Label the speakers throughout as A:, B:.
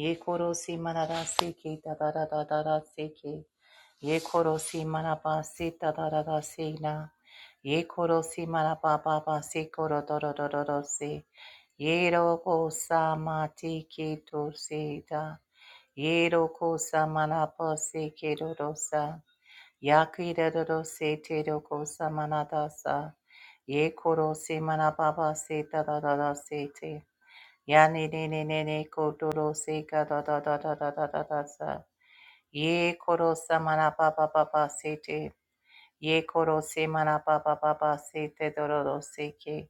A: ye koro si manada si ki da da da da da da si ki ye koro si manaba si da da da da si na ye koro si manaba ba ba si koro do do do do do si ye ro ko sa ma ti ki to si da ye ro ko sa manaba si ki do do sa ya ki da do do si te ro ko sa manada sa ye koro si manaba ba si da da da da si te やねねねねねことろせかだだだだだだだださ。ye koro samana pa pa pa pa se te. ye koro se mana pa pa pa pa se te doro se ke.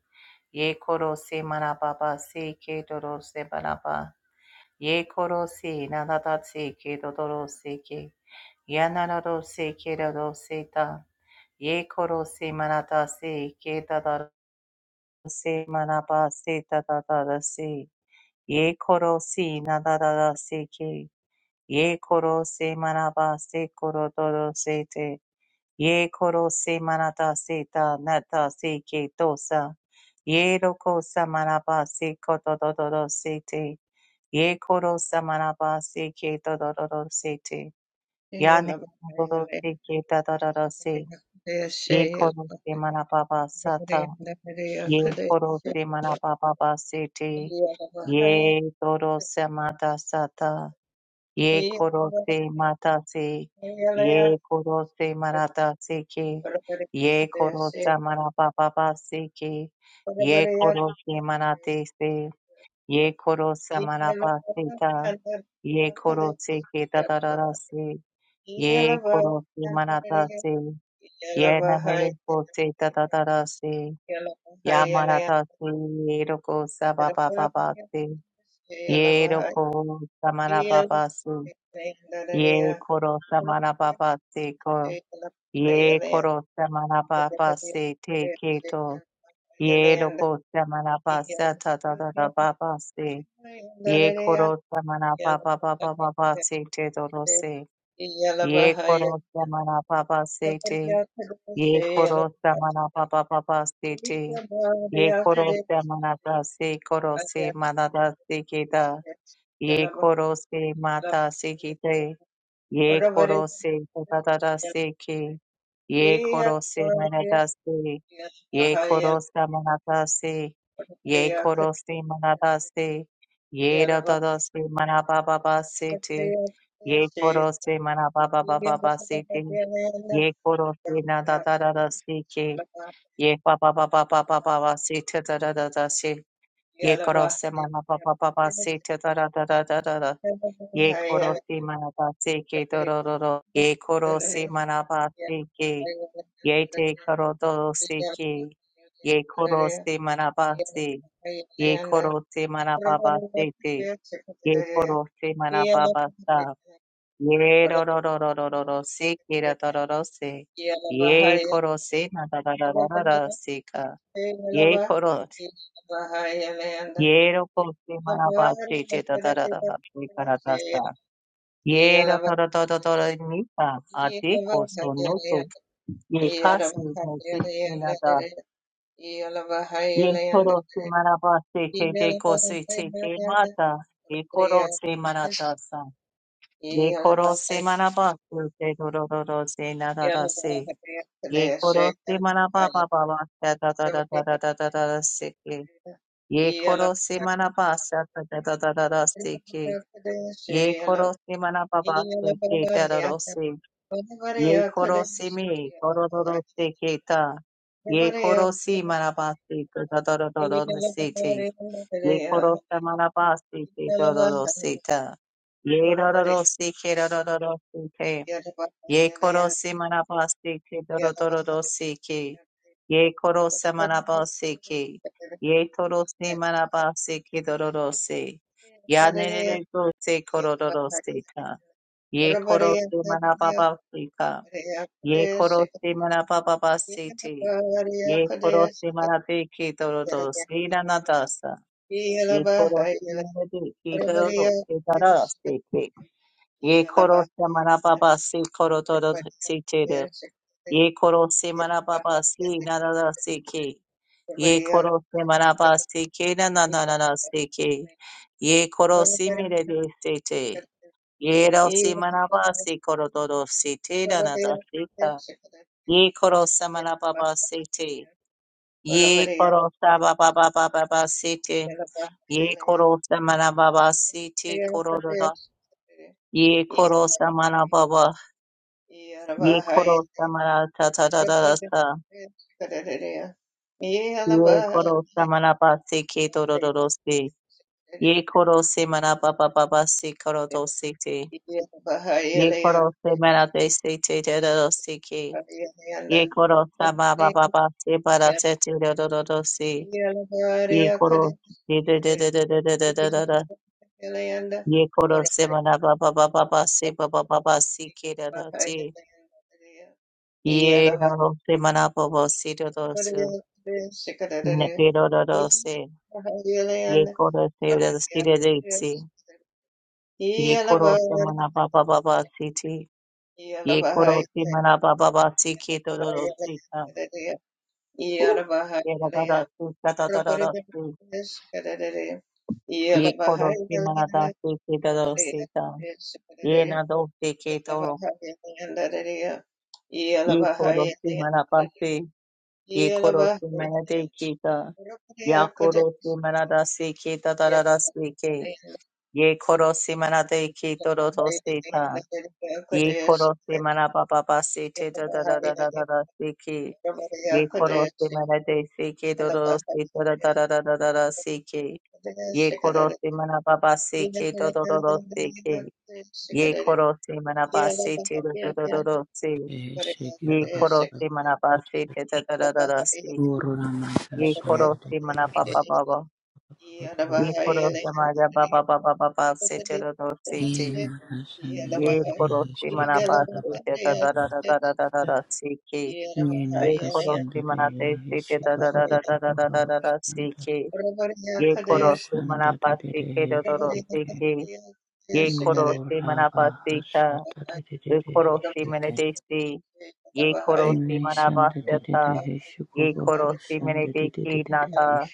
A: ye koro se mana pa pa se ke doro se mana pa. ye koro se na da da se ke doro se ke. ya na na ro se ke doro se ta. ye koro se mana ta se ke da da se mana pa se ta da da da se ye koro si na da da da si ye koro se manaba se koro do se te ye koro se manata se ta na se ke tosa sa ye roko sa manaba se ko do do se te ye koro sa manaba se ke do do do se te ya
B: Yeah.
A: ne do se ke da da da se ye koro se manaba sa Ye koro se mana papa ba se te. Ye toro se mata sata. Ye koro se mata se. Ye koro se marata se ke. Ye koro se mana papa ba se ke. Ye koro se mana te se. Ye koro se mana ba se ta. Ye koro se ke ta ta se. Ye koro se mana ta se. Ye na me ko se ta ta ta se. Yamaratasu Yeroko Sababababasi
B: Yalaba,
A: Yeroko Samanababasu Ye Koro Samanababasi Ko Ye Koro Samanababasi Te Keto Ye Roko Samanabasa Tatarababasi Ye Koro Samanababababasi Te Dorose Ye Koro Samanababasi Te Ye Koro Samanabababasi Te Ye koro se manata se koro se manata se kita. Ye koro se mata se kite. Ye koro se tatara se ki. Ye koro se manata se. Ye koro se manata se. Ye koro se manata se. Ye
B: Yeah.
A: ratada se manaba baba se te. Ye koro se manaba baba baba se te. Ye koro se nadatara se ki. Ye pa pa pa pa pa pa pa pa si ta da da da da si. Ye koro se ma pa pa pa pa si ta da da da da da da da. Ye koro si ma pa si ke do do do do. Ye koro si ma pa si ke. Ye te koro do si ke. Ye koro si ma pa si. Ye koro si ma pa pa
B: Yellow,
A: si te. Ye koro si ma pa pa sa. Ye do do do do do do do si ke da do do do si. Ye koro si ma da da da da da da si ka. Yay koro, yero kosi manaba chete tatarata te karatasa. Yero toro toro toro nita, ate koso noto, ye kasi mote inada. Ye koro si manaba chete de kosi cheke mata, ye koro si manatasa. Ye koro si manaba chete toro toro se nadara se. Ye koro si manaba baba baba da da da da da da da da da se. Ye koro se manaba sa ta ta ta ta ta ta se ke. Ye koro se manaba ba se ke ta ta ro se. Ye koro se me koro ro ro se ke ta. Ye koro se manaba se ta ta ta ta ta ta ta se te. Ye koro se manaba se ke ta ta ro se ta. Ye ro ro ro se ke ro ro ro ro se ke. Ye koro se manabasi ke dorodoro se ke. Ye koro se manabasi ke. Ye toro se manabasi ke dororo se. Ya nerere go se
B: Yeah.
A: korodoro se ka. Ye koro se manababa se ka. Ye koro se manababa se te. Ye koro se manabe ke dorodoro se na nadasa. Ye koro se manabe ke dorodoro se darara se ke. Ye koro se manababa se korodoro se te Ye koro se marababa si na na na se ke. Ye koro se maraba se ke na na na na na se ke. Ye koro si mire de se te. Ye ro se maraba se koro do do se te na na da se ka. Ye koro se marababa se te. Ye koro sa ba ba ba ba ba ba se te. Ye koro se marababa se te koro do do. Ye koro se marababa. Ye koro se marata ta ta ta ta ta. Yo koro samana pa se ke tororo se. Ye koro se mana pa pa pa pa se koro to se te. Ye koro se mana te se te te do se ke. Ye koro sa ma pa pa pa se para se te do do do se. Ye koro de de de de de de de de de de de. Ye koro se mana pa pa pa pa se pa pa pa pa se ke do te. Ye
B: Yeah.
A: koro se mana pa pa se do do Ne
B: Yeah.
A: te do do do se. Ye koro se do do se de de se. Ye koro se mana baba baba siti. Ye koro se mana baba baba siki dororo sita. Uh, Ye da da da su da da da da da su. Ye koro se mana da su ki dororo sita. Ye na do se ki doro. Ye koro se mana pasi. Ye koro se
B: Yellow
A: mana de kita. Ya
B: Baharian,
A: koro se mana da se ki da da
B: Yeah,
A: da da se ki. Ye koro se mana de ki dororo sita. Ye koro se mana baba baba siti da da da da da da da se ki. Ye korosi mana de seke dororosi da da da da da da da seke. Ye korosi mana baba seke dororo seke. Ye korosi mana basi te dororo se.
C: Eh, Shake it,
A: Ye
C: ba- ba- ba-
A: korosi mana
C: ba-
A: basi te da da da da da se.
C: Guru Ramaka
A: Ye korosi mana
C: Sandhya
A: baba baba. Ye korosi mana baba baba baba se te dororo se te.
C: Yena
A: Ye
C: Kasandhya
A: korosi mana
C: Shake it, ba- ba-
A: basi
C: ba- ba-
A: te da da da
C: ba-
A: da da da da da
C: ba-
A: da seke.
B: Yeah.
C: Yena
A: Ye korosi mana te
C: Kasandhya
A: se te da
C: Shake it, ba-
A: da da
C: ba-
A: da da
C: ba-
A: da
C: ba-
A: da da
C: ba-
A: da da
C: Sandhya
A: seke. Ye koro se manapasi ke
C: Osandhya
A: dodoro
C: Shake
A: se
C: it.
A: ke. Ye koro se
C: Morava
A: manapasi ta.
C: Hasatha
A: Ye koro se
C: Shake it.
A: manadesi. Ye koro se manapasi ta.
C: Nisandhya
A: Ye
C: Shikuba
A: koro se
C: Hosandhya
A: manadeki nata.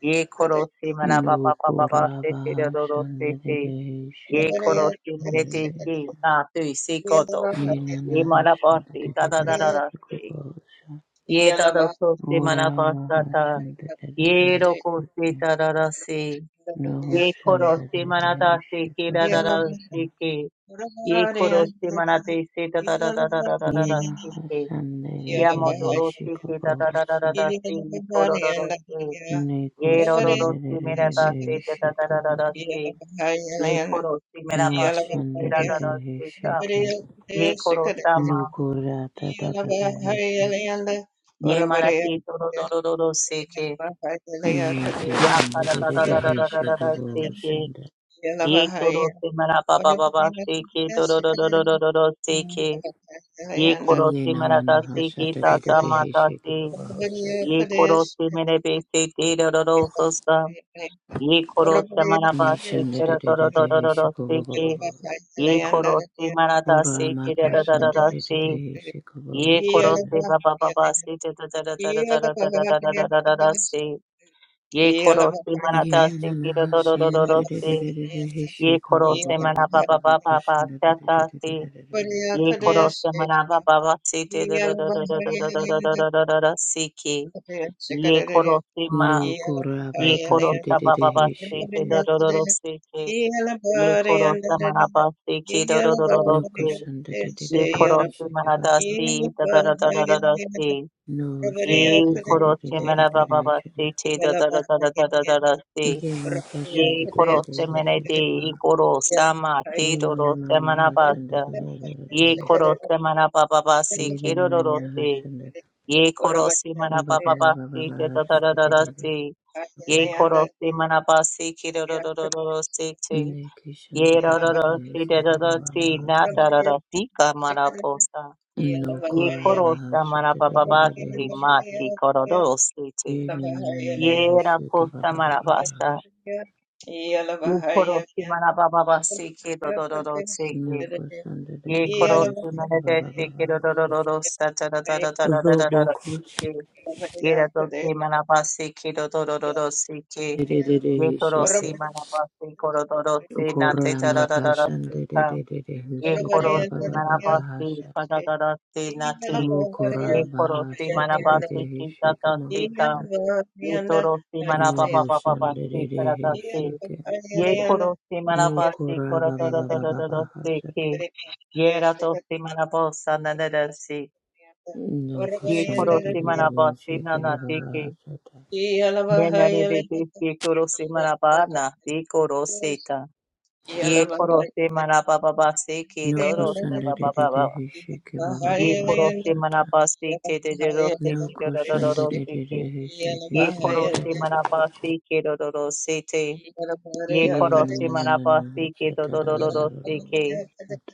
A: Ye koro se manapapapapapasi te
C: Lokuraba
A: dodoro se ke.
C: Shandere
A: Ye
C: Shekot
A: koro se manadeki na tu se koto. Ye
C: Yenanaha
A: manapasi ta da da
C: Shandere
A: da da se.
C: Shekubosha
A: Ye ta da so se manapasa
C: Uramaha
A: ta. Ye
C: Shandere
A: roko se
C: Sheke
A: ta da da se.
C: Noho
A: Ye koro se manata
C: Shandere
A: se ke da da da se
C: Shekubosha
A: ke. Ye koro se manate se da da da da da da da da da se
C: Yenaha
A: ke.
C: Shandere
A: Yamodoro se ke da da da da da
C: Shekubosha
A: da se
B: Yeah.
A: koro do do se.
C: Neko
A: Ye ro ro ro se merata se
C: Shandere
A: da da da da da da
C: Shekubosha
A: se. Ye koro se
C: Mo
A: merata se ke da da da
C: Shandere
A: se ta.
C: Sheke
A: Ye koro sama.
C: Nukura Tata Tata
A: Ye manate do do do do do do se ke.
C: Nana
A: Ya kara da da da da da da da da da se ke. Ye toro se mara ba ba ba ba se ke do do do do do do do do se ke. Ye khorooshi manatasi ke
C: Hashata
A: da
C: de de
A: da
C: de
A: mata
C: Hishiki
A: si.
C: Baba Hoshata.
A: Ye khorooshi mere bese ke da da da da
B: Yeah.
A: da da si. Ye khorooshi mana basi
C: de
A: ke
C: de
A: da
C: de
A: da da
C: de de
A: da da da
C: Hishiko
A: si. Ye khorooshi manatasi ke da da da da
C: de
A: da
C: de de
A: si.
C: de Hishiko Baba
A: Ye
C: Shanda.
A: khorooshi baba baba baba si da da da da da da da da da da da si. Ye khorooshi mana
C: Yena
A: basi ke da da da da
C: de
A: da
C: de de de
A: si.
C: de de de
A: Ye
C: Hishiko
A: khorooshi mana baba baba baba si
C: de
A: ata
C: de de de de
A: si.
C: de
A: Ye koro se manaba baba se te da da da da da da da da da da da da da da se ke. Ye koro se ma.
C: No
A: Ye
C: Korabaka
A: koro
C: de de
A: sa
C: de de
A: baba ba
B: Yellow,
A: se te
C: Hishite.
A: da da da da se ke. Ye koro sa manaba se ke da da da da da
C: No
A: se.
C: Kusan de de de de
A: Ye
C: de
A: koro se manada
C: Hishiki
A: se da da da da da da da se.
C: No, Sunday, da
A: Ye
C: da da
A: koro
C: da
A: se
C: da da
A: manaba
C: da da,
A: baba se
C: Sunday.
A: te da da da da da da da da da se.
C: Yeah, my first Sunday,
A: Ye
C: da da
A: koro
C: da
A: se
C: da,
A: mene de ye
C: Shakaba.
A: koro sa ma te
C: Yeah,
A: do do
C: mama,
A: se
C: my Sunday,
A: manaba
C: da da da da
A: Ye
C: da,
A: koro se mana pa pa pa se
C: Yeah, na
A: kero ro
C: na
A: ro
C: na na,
A: se.
C: Sunday.
A: Ye koro se mana
C: No,
A: pa
C: ba ba
A: pa
C: ba
A: pa
C: ba
A: se
C: ba
A: te
C: ba,
A: da da da da
C: Sunday, da
A: da
C: da
A: se.
C: da,
A: Ye
C: Shakaba.
A: koro se mana pa se kero ro ro ro ro ro se te.
C: Ne Krishna, da
A: Ye ro
C: da
A: ro ro
C: da da,
A: se da da
C: Shakaba
A: da
C: ba ba
A: se
C: ba,
A: na da da
C: Sunday.
A: da si ka mana po sa.
C: No,
A: Ye
C: Kora,
A: koro se
C: ba,
A: mana
C: Sunday,
A: pa
C: da
A: pa
C: da
A: pa
C: da
A: se
C: da,
A: ma
C: Shakaba.
A: ti koro ro se te.
C: Yeah, na na na na
A: Ye
C: na,
A: ra po
C: Shakaba
A: sa
C: ba ba ba
A: mana pa
C: ba.
A: sa. Ye koro se mana pa pa pa se ke do do do do se ke.
C: No, Krishna, da da
A: ye
C: da
A: koro
C: da,
A: su na re de
C: Shakaba ba
A: se ke ro
C: ba
A: ro ro
C: ba,
A: ro ro sa ta ra ta ra ta ra ra ra ra ra si
C: Sunday.
A: ke ye ra to ke mana pa se ke ro ro ro ro ro si ke
C: de de de
B: Yeah.
A: ye
C: he
A: koro
C: Shake
A: si
C: it.
A: mana pa se ko ro ro ro se na te
C: Kora
A: ta ra ra ra ra
C: makashan
A: si
C: de de
A: ka
C: de de de
A: ye
C: hishike
A: koro
C: ba ba
A: si
C: ba ba
A: mana
C: ba
A: pa se
C: hasha.
A: pa ra ra ra se na te
C: Mu kora
A: ye koro si
C: bahasha
A: mana
C: te
A: pa
C: de de
A: se ki ta
C: hishike
A: ta se ka
C: mahushan.
A: ye toro si mana pa pa pa pa pa
C: Muhushan de de
A: se ka
C: de
A: ra ta se
C: hishike.
A: ye koro si mana
C: Mu
A: pa se ko
C: kora ba
A: ro
C: ba
A: ro
C: ba
A: ro
C: ba
A: ro
C: ba
A: ro
C: ba
A: ro se
C: hasha.
A: ke
B: Yes,
A: Yera tosi manabosa nanadasi.
C: No
A: Ye
C: kushan de de
A: korosi
C: de de de
A: manabasi
C: hishike ba ba ba
A: nanadiki.
C: hasha.
A: Ye nanadiki ye korosi manabana. Ye korosita. Ye korosi manabababasi ki
C: No
A: dorosa
C: kushan de de de de
A: babababa.
C: hishike ba ba ba
A: Ye
C: ba
A: korosi
C: hasha.
A: manabasi ki dedorosi
C: No
A: ki
C: kushan de de
A: dododorosi
C: de
A: ki.
C: de hishike
A: Ye
C: shan de de
A: korosi
C: de. de.
A: manabasi ki dodorosi te. Ye
C: Yeah, no,
A: korosi
C: no, no, no, no.
A: manabasi ki
C: Shut up, da, da, da, da, da,
A: dododorosi ki.
C: wo-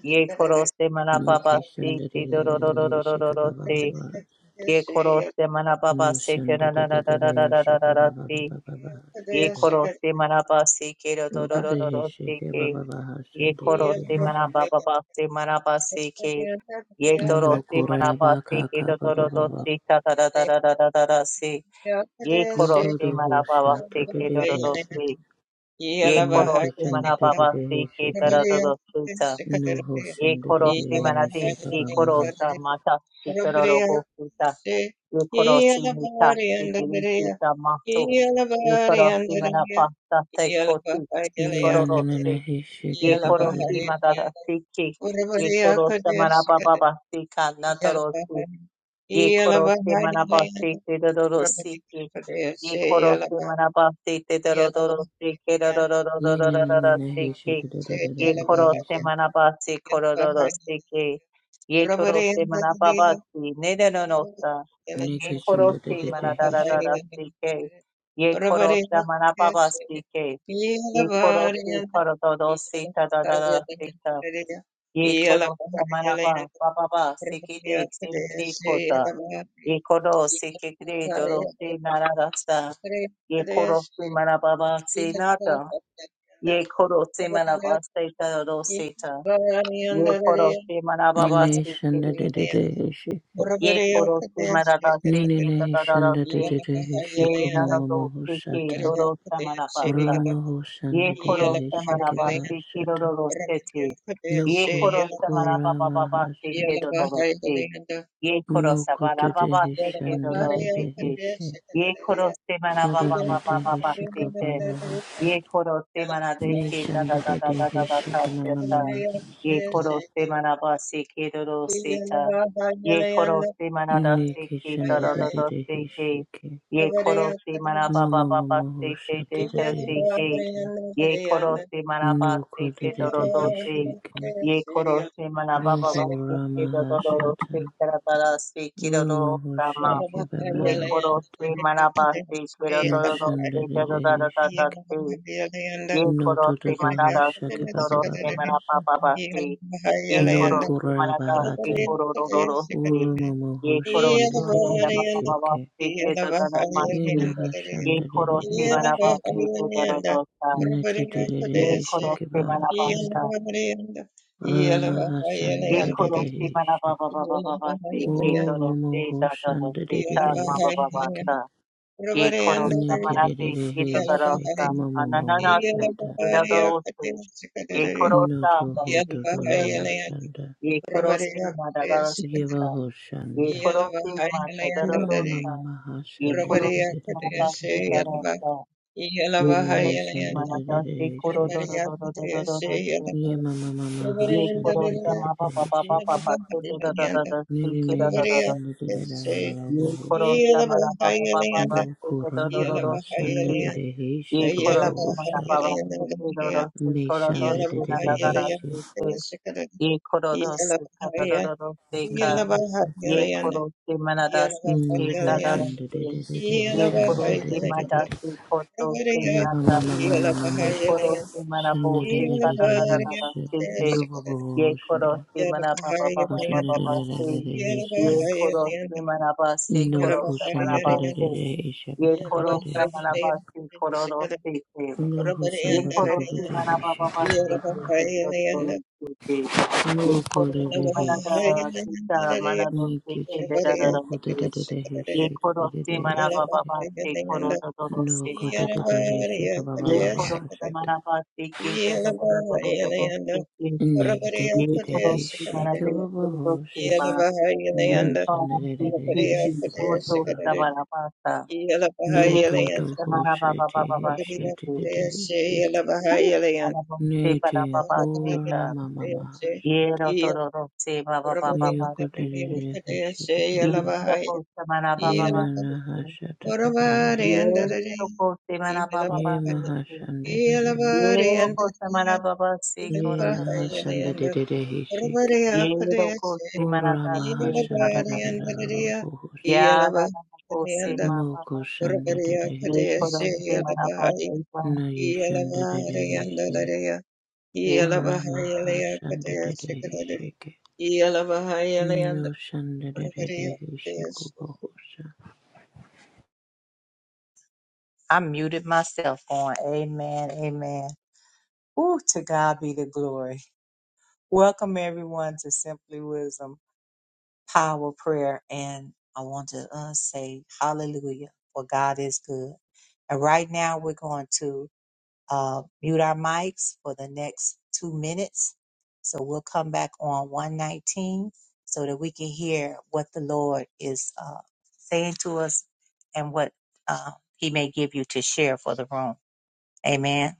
A: Ye korosi
C: No
A: manababasi
C: kitchen, da, da,
A: ki
C: da, da, da, da, shake a ba, ba,
A: dododorosi.
C: ba, ba. Shata.
A: ye koro se mana baba
C: No
A: se te
C: shun, da,
A: na
C: da,
A: na
C: da,
A: na
C: da,
A: na na na
C: da,
A: na na
C: shake
A: na na
C: ba, ba, ba,
A: si
C: ba, ba, ba, shun,
A: ye
C: da.
A: koro se mana ba se ke ro ro
C: No
A: ro
C: go
A: ro
C: da,
A: ro
C: he,
A: do se
C: shake ba,
A: ke
C: ba, ba, ha,
A: ye
C: da, da,
A: koro
B: Yeah.
A: se
C: he,
A: mana
C: shake.
A: baba ba se mana ba se ke ye toro
C: no
A: se
C: go
A: mana ba
C: ba,
A: se
C: ka,
A: ke
C: ka,
A: ro
C: ba,
A: ro
C: ba,
A: ro
C: ba,
A: do
C: ba.
A: se ta ta ta ta ta ta ta da da si ye
C: Yo
A: koro
C: to
A: se
C: the ho,
A: mana baba
C: shut
A: se
C: up, da,
A: ke
C: da,
A: ro ro
C: he,
A: ro
C: shake.
A: si ye
C: No
A: koro se
C: kitchen, da,
A: mana
C: da, da,
A: baba
C: da, he,
A: se ke
C: shake
A: ta da da ro si ta
C: No ho,
A: ye
C: shun, da, da,
A: koro
C: da,
A: se
C: da,
A: mana
C: he,
A: de
C: shake a
A: ye
C: ba, ba,
A: koro
C: ha,
A: sa mata si ta ro ro bo si ta Nikorosi Mika, Tikirika Mato, Nikorosi Manapasta, Tekotu,
C: Yeah, no, no, no, no,
A: Nikorose,
C: he, shake a, da, da, da, da.
A: Yekorosi Madada Siki, Yekorosa Manapaba Sika,
B: Yalabari,
A: Natorosi, Yekorosi Manapasti, Tedorosiki, Yekorosi Manapasti, Tedorosiki,
C: Ye na na na na he she
A: Kedorosiki,
C: da da da da da da da he
A: Yekorosi
C: she.
A: Manapasti, Kororosiki, Yetorose Manapabasi, Nedanosa,
C: Ne
A: ye
C: ke shun
A: koro
C: da da
A: se
C: da da
A: mana da
C: he
A: da da
C: she.
A: da se ke ye koro se mana baba se ke ye koro se koro do do da da da se ta ye koro se mana ba ba ba ba se ke de se mi de ko ye koro se ke de do nara rasta. na ye
B: Yellow
A: koro se mana baba ba se na ta ye koro se mana ba se ta do do ta ye koro se mana baba ba
C: Ne
A: se ke
C: shun da da da da he she.
A: ye koro se mana da se
C: Ne ne
A: ke
C: ne he
A: da da da
C: shun da da
A: se
C: da da he she
A: Ye
C: ko ma ma ma
A: nanado
C: ho
A: seke
C: shata.
A: doro samanabasa.
C: Ro ma ho shun da
A: Ye
C: da da
A: koro
C: he she ke
A: samanaba
C: ba ha
A: seke
C: shata.
A: doro sete.
C: No
A: Ye koro
C: ko ko
A: samanaba
C: ra
A: baba
C: ma
A: ba
C: ha
A: seke
C: shata.
A: doro se. Ye koro
C: Mo ko da
A: samanaba
C: da
A: baba
C: he
A: seke
C: shun da
A: doro
C: da da
A: sete.
C: he she.
A: Ye koro
C: Ko
A: samanaba
C: da da
A: baba
C: da
A: baba
C: he
A: ba
C: she ko ba
A: sete
C: ma ho shata.
A: ye koro se mana de
C: Ne
A: ke da
C: shun
A: da
C: da
A: da
C: da da
A: da da
C: he
A: da da
C: she
A: ta
C: ko ma
A: se
C: ma ma
A: ta
C: ma ha
A: ye
C: shata.
A: koro se mana ba se ke do do
B: Yeah,
A: se ta ye koro se mana da se ke
C: Indication
A: da
C: de
A: da
C: de
A: da
C: de
A: da
C: de
A: se ke
C: hishiki.
A: ye koro se mana ba ba
C: Mama
A: ba ba
C: mama
A: se te
C: hosha
A: te
C: de de
A: te
C: de
A: se ke
C: hishite.
A: ye koro se mana ba se
C: Nuku de
A: te do
C: de
A: do
C: de
A: do se
C: hishiki.
A: ye koro se mana ba ba ba
C: Boho
A: se ke
C: rama
A: do do do se
C: hashata.
A: ta da da da se ke do do
C: Ruma
A: sa ma
C: hoshiki
A: ye
C: baba
A: koro se
C: hashata.
A: mana ba se ke do do do
C: Noshan de
A: se
C: de
A: ta da da da
C: de
A: da da
C: hishiki.
A: se Ye
C: No
A: koro
C: to to
A: se
C: the
A: manada ki
C: hoshaka baba
A: toro se
C: baba
A: mana papa ba
C: hashata.
A: se. Ye
C: No
A: koro se manada
C: kuraba
A: ki
C: hate.
A: koro ro ro ro se.
C: Uruma
A: Ye koro
C: mohoshan
A: se
C: de de de
A: manada papa ba ba
C: hishiki.
A: se ke da da da ma se.
C: Ina
A: Ye
C: hashan de de
A: koro
C: de
A: se
B: Yeah.
A: manada ba
C: hishiki.
A: se ke da da da sa. Ye
C: Nikidededehishi
A: koro se manada ba
C: kibahashanda.
A: sa. Ye koro se manada
C: Ramahashandidededehishi.
A: ba ba ba ba ke da da se da da da se ta ma ba ba
C: Oromohoshandidededehishike.
A: Yeh karo, zamanate yeh to taraf
C: Nididededehishi
A: ta. Ananana sey
C: kumamomohoshata.
A: ke da taraf sey. Yeh karo ta, dekhe mujhe sey.
C: Notohotododohoshanda.
A: Yeh karo sey madhagar sey ta. Yeh
C: Yivahoshanda.
A: karo sey mata daro to sey. Yeh karo sey mata sey
C: Owamamamamahashandidededededekashida.
A: taraf ta. Yeh karo sey mana ta sey koro to
C: Nihishandidededehishike.
A: to to to to to to to to.
B: Yeah,
A: Yeh karo ta mama pa pa pa pa
C: Yemamamamahashandidedededehishike.
A: pa to to to to to to to to. Yeh karo
C: Nirineheshandadadadadadadabahosha.
A: ta mana pa pa pa pa pa to to to to to to to to ye koro soma na baba
C: Bukuramahashandadadadaheshikababahoshata.
A: sute roro se koro dorse na na dara sute ye koro dorse ka da da da
C: Meshandadadadadaheshikababahosha.
A: ka ye koro se mana da se ke se ye koro se mana
C: Nuhoshandadadadadadaheshandadadadadada.
A: se koto se na ye
C: Yabamamamamamamasha.
A: koro se mana se ka da da
C: Shandadadadadahesha.
A: se ye koro
C: Yobabahoshanda.
A: se mana ba ba ba se ye
C: Koshandadadadadadaheshanda.
A: koro se mana
B: Yeah,
A: se
C: No
A: koro se mana se ye koro se mana
C: koshandadadadadaheshandadadadadaheshanda.
A: se koro do se se
C: No Hushan
A: one
C: the
A: crore
C: Hoshanda
A: fifty one ababa five
C: Hishi.
A: crore two crore two crore fifty one
C: No
A: crore
C: Koda
A: fifty one ababa
C: Hishi.
A: five crore two
C: Thank you, Jesus. No Koda the
A: two
C: Hishi.
A: crore fifty one crore fifty one ababa five crore two
C: No good at the Hishi. Baba
A: two
C: Baba
A: crore
C: Hoshanda.
A: two crore fifty one
C: the
A: crore fifty one
C: Hishi.
A: ababa five crore two two crore two crore
C: Baba
A: fifty
C: Hosha.
A: one
C: Nehishanda
A: crore
C: Hishi. Baba Baba
A: fifty one
C: Hosha.
A: ababa
C: No to the Hosha Hishi. The Hishi. Nete Hora
A: five
C: Mama Mahashanda.
A: Yero tororo se ba ba ba ba
C: You
A: ba
C: could
A: se se.
C: the Hishi.
A: Yero ko se mana ba ba
C: Ye
A: ba
C: na
A: se
C: na
A: se.
C: ha
A: Yero ko se mana ba ba ba
C: Ye ma
A: se
C: ha
A: se. Yero ko se mana
B: Yeah.
A: ba ba se
C: Ye
A: koro
C: na
A: ro ro
C: ha
A: ro ro
C: shan
A: ro
C: da da
A: ro
C: da da
A: se.
C: he
A: Yero ko se mana ta se ka ta ta. Ya na na na ko se ma ba ba. Ye koro se mana ba se ba.
C: Na ye shan da da da he
A: Ye ko.
B: I
C: No shan da da
A: I muted myself on amen, amen. Ooh, to God be the glory. Welcome everyone to Simply Wisdom. power prayer and I want to uh, say hallelujah for God is good. And right now we're going to uh, mute our mics for the next two minutes. So we'll come back on 119 so that we can hear what the Lord is uh, saying to us and what uh, he may give you to share for the room. Amen.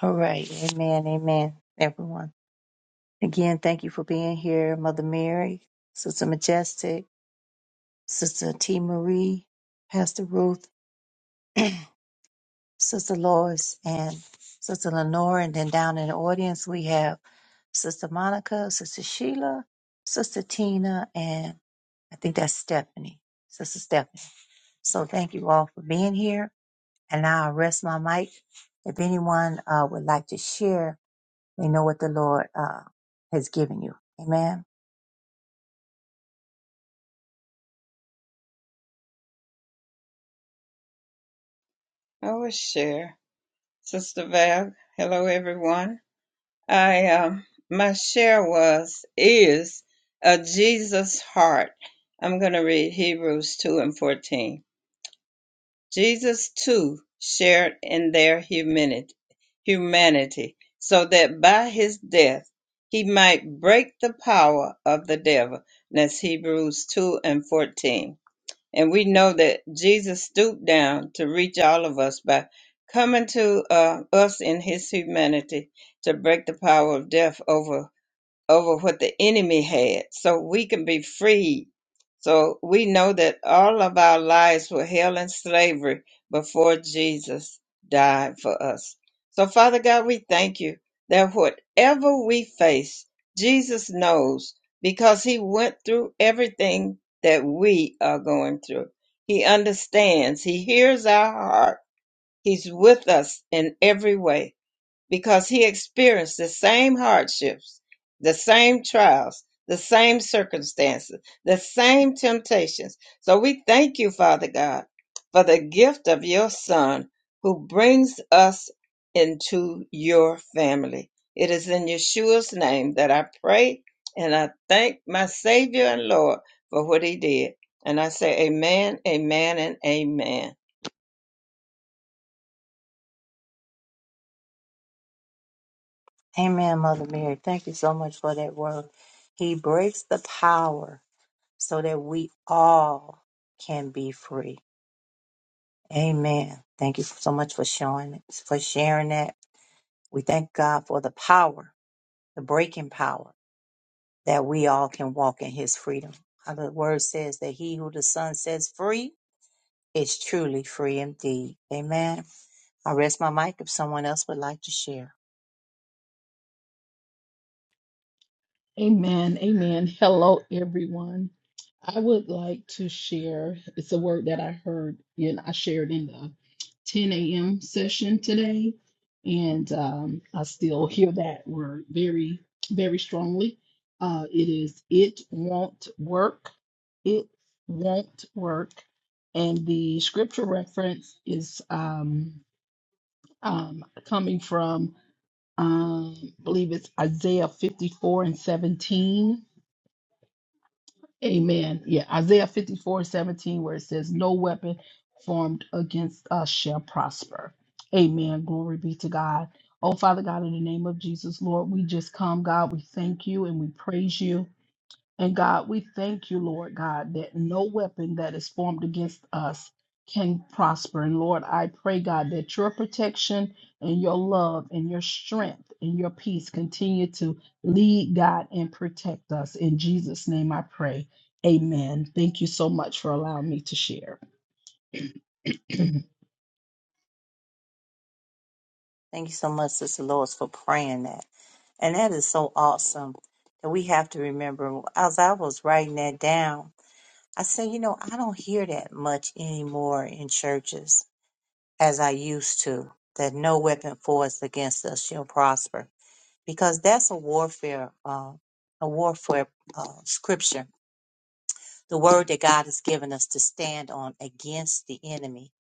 A: All right. Amen. Amen. Everyone. Again, thank you for being here, Mother Mary, Sister Majestic. Sister T. Marie, Pastor Ruth, Sister Lois, and Sister Lenore. And then down in the audience, we have Sister Monica, Sister Sheila, Sister Tina, and I think that's Stephanie, Sister Stephanie. So thank you all for being here. And now I rest my mic. If anyone uh, would like to share, they know what the Lord uh, has given you. Amen.
B: will share. Sister Val, hello everyone. I um my share was is a Jesus heart. I'm gonna read Hebrews two and fourteen. Jesus too shared in their humanity, humanity so that by his death he might break the power of the devil. And That's Hebrews 2 and 14. And we know that Jesus stooped down to reach all of us by coming to uh, us in his humanity to break the power of death over over what the enemy had so we can be free. So we know that all of our lives were held in slavery before Jesus died for us. So, Father God, we thank you that whatever we face, Jesus knows because he went through everything that we are going through. He understands, he hears our heart, he's with us in every way because he experienced the same hardships, the same trials, the same circumstances, the same temptations. So we thank you, Father God, for the gift of your Son who brings us into your family. It is in Yeshua's name that I pray and I thank my Savior and Lord for what he did. And I say, Amen, Amen, and Amen.
A: Amen, Mother Mary. Thank you so much for that word. He breaks the power. so that we all can be free. Amen. Thank you so much for showing for sharing that. We thank God for the power, the breaking power that we all can walk in his freedom. How the word says that he who the son sets free is truly free indeed. Amen. I rest my mic if someone else would like to share.
D: Amen. Amen. Hello, everyone. I would like to share. It's a word that I heard and I shared in the 10 a.m. session today. And um, I still hear that word very, very strongly. Uh, it is, it won't work. It won't work. And the scripture reference is um, um, coming from, um, I believe it's Isaiah 54 and 17 Amen. Yeah, Isaiah 54 17, where it says, No weapon formed against us shall prosper. Amen. Glory be to God. Oh, Father God, in the name of Jesus, Lord, we just come, God. We thank you and we praise you. And God, we thank you, Lord God, that no weapon that is formed against us can prosper. And Lord, I pray, God, that your protection and your love and your strength and your peace continue to lead, God, and protect us. In Jesus' name I pray. Amen. Thank you so much for allowing me to share.
A: Thank you so much, Sister Lois, for praying that. And that is so awesome that we have to remember as I was writing that down. I say, you know, I don't hear that much anymore in churches as I used to, that no weapon forged against us shall prosper, because that's a warfare, uh, a warfare uh, scripture, the word that God has given us to stand on against the enemy,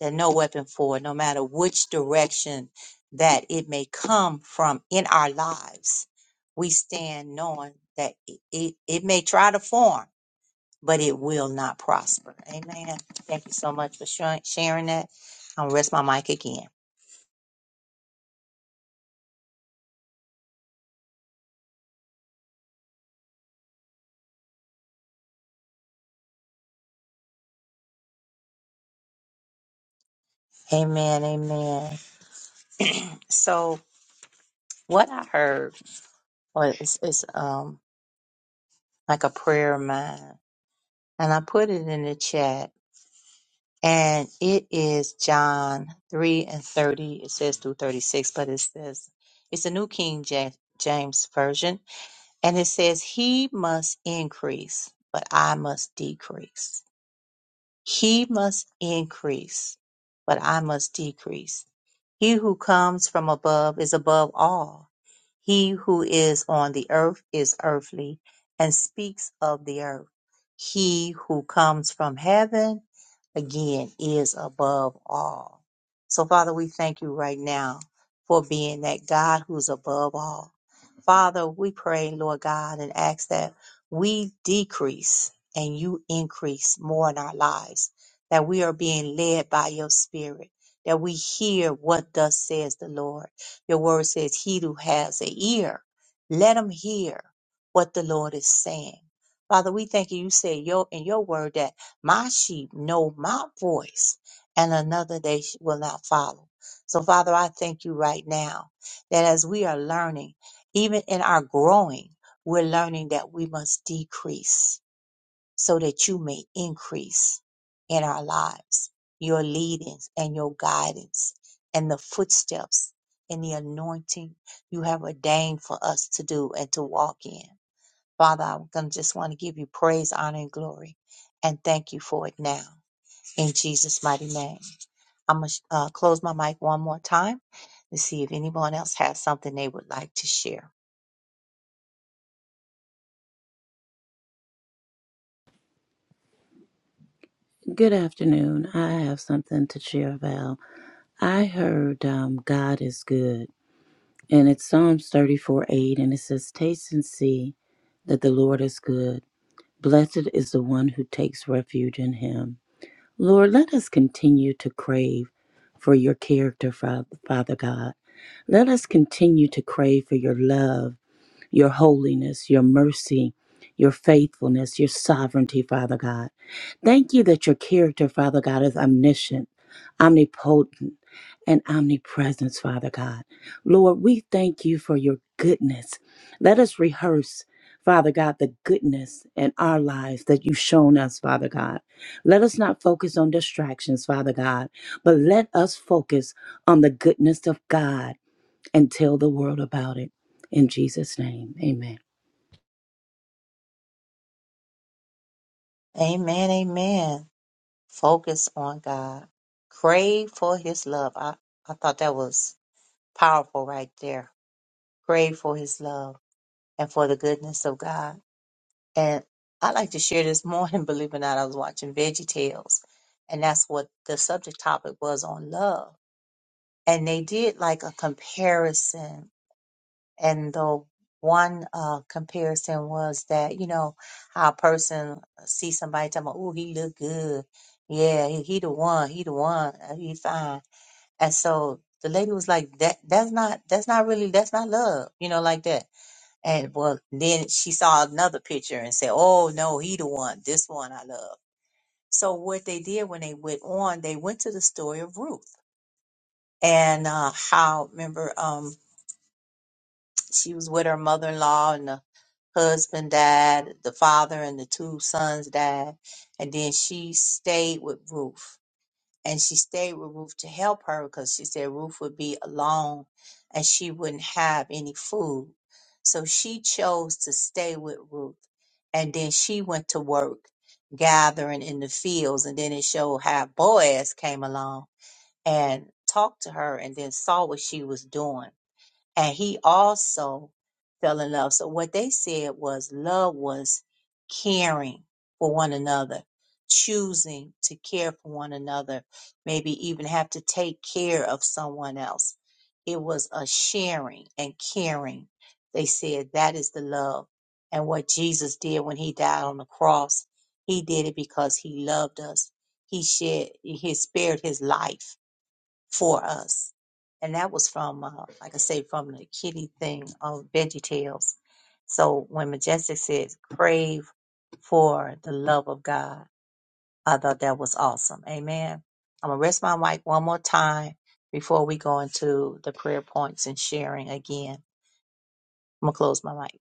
A: that no weapon forged, no matter which direction that it may come from in our lives, we stand knowing that it, it, it may try to form but it will not prosper. Amen. Thank you so much for shar- sharing that. I'll rest my mic again. Amen. Amen. So what I heard was it's it's um like a prayer of mine, and I put it in the chat. And it is John three and thirty. It says through thirty six, but it says it's a New King Ja- James version. And it says, He must increase, but I must decrease. He must increase, but I must decrease. He who comes from above is above all. He who is on the earth is earthly and speaks of the earth. He who comes from heaven, again, is above all. So, Father, we thank you right now for being that God who's above all. Father, we pray, Lord God, and ask that we decrease and you increase more in our lives, that we are being led by your spirit, that we hear what thus says the Lord. Your word says, He who has an ear, let him hear what the Lord is saying. Father, we thank you. You say your, in your word that my sheep know my voice and another they sh- will not follow. So, Father, I thank you right now that as we are learning, even in our growing, we're learning that we must decrease so that you may increase in our lives, your leadings and your guidance and the footsteps and the anointing you have ordained for us to do and to walk in. Father, I'm going to just want to give you praise, honor, and glory, and thank you for it now. In Jesus' mighty name. I'm going to uh, close my mic one more time to see if anyone else has something they would like to share.
C: Good afternoon. I have something to share about. I heard um, God is good And it's Psalms 34 8, and it says, Taste and see that the Lord is good. Blessed is the one who takes refuge in him. Lord, let us continue to crave for your character, Fa- Father God. Let us continue to crave for your love your holiness, your mercy, your faithfulness, your sovereignty, Father God. Thank you that your character, Father God, is omniscient, omnipotent, and omnipresence, Father God. Lord, we thank you for your goodness. Let us rehearse. Father God, the goodness in our lives that you've shown us, Father God. Let us not focus on distractions, Father God, but let us focus on the goodness of God and tell the world about it. In Jesus' name, amen.
A: Amen. Amen. Focus on God. Crave for his love. I, I thought that was powerful right there. Crave for his love and for the goodness of God. And I like to share this morning, believe it or not, I was watching Veggie Tales, and that's what the subject topic was on love. And they did like a comparison. And the one uh, comparison was that, you know, how a person sees somebody talking about, oh, he look good. Yeah, he, he the one, he the one, uh, he fine And so the lady was like, "That that's not that's not really that's not love, you know, like that." And well, then she saw another picture and said, "Oh no, he the one. This one I love." So what they did when they went on, they went to the story of Ruth and uh, how remember um, she was with her mother-in-law and the husband died, the father and the two sons died, and then she stayed with Ruth and she stayed with Ruth to help her because she said Ruth would be alone and she wouldn't have any food. So she chose to stay with Ruth. And then she went to work gathering in the fields. And then it showed how Boaz came along and talked to her and then saw what she was doing and he also fell in love. So what they said was love was caring for one another, choosing to care for one another, maybe even have to take care of someone else. It was a sharing and caring. They said that is the love. And what Jesus did when he died on the cross, he did it because he loved us. He shed, he spared his life for us. And that was from, uh, like I say, from the kitty thing of Veggie Tales. So when Majestic says, crave for the love of God, I thought that was awesome. Amen. I'm going to rest my mic one more time before we go into the prayer points and sharing again. I'm going to close my mic.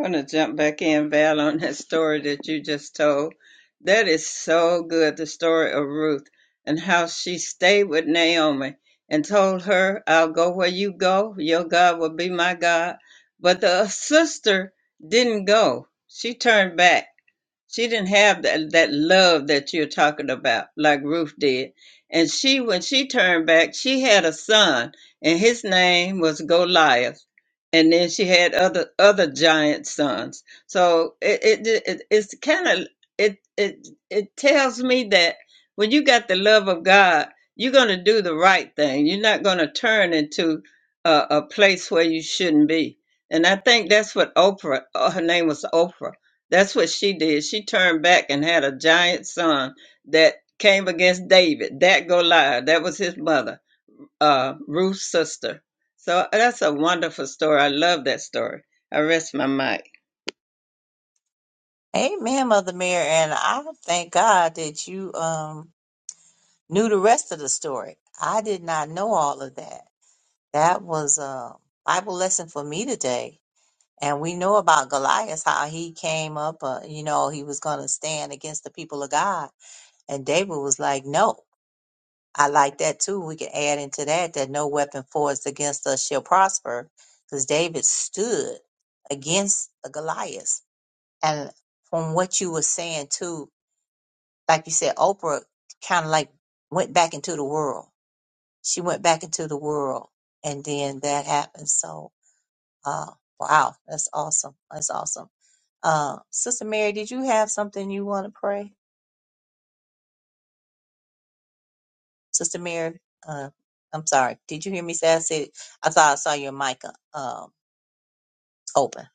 B: gonna jump back in, Val, on that story that you just told. That is so good, the story of Ruth and how she stayed with Naomi and told her, I'll go where you go, your God will be my God. But the sister didn't go. She turned back she didn't have that, that love that you're talking about, like Ruth did. And she, when she turned back, she had a son, and his name was Goliath. And then she had other other giant sons. So it it, it it's kind of it it it tells me that when you got the love of God, you're gonna do the right thing. You're not gonna turn into a, a place where you shouldn't be. And I think that's what Oprah, uh, her name was Oprah that's what she did. She turned back and had a giant son that came against David, that Goliath. That was his mother, uh, Ruth's sister. So uh, that's a wonderful story. I love that story. I rest my mic.
A: Amen, Mother Mary. And I thank God that you um, knew the rest of the story. I did not know all of that. That was a Bible lesson for me today. And we know about Goliath, how he came up, uh, you know, he was going to stand against the people of God. And David was like, no, I like that too. We can add into that that no weapon forged against us shall prosper because David stood against the Goliath. And from what you were saying too, like you said, Oprah kind of like went back into the world. She went back into the world and then that happened. So Uh, wow, that's awesome. That's awesome. Uh, Sister Mary, did you have something you want to pray? Sister Mary, uh, I'm sorry. Did you hear me say I said I thought I saw your mic uh, um open?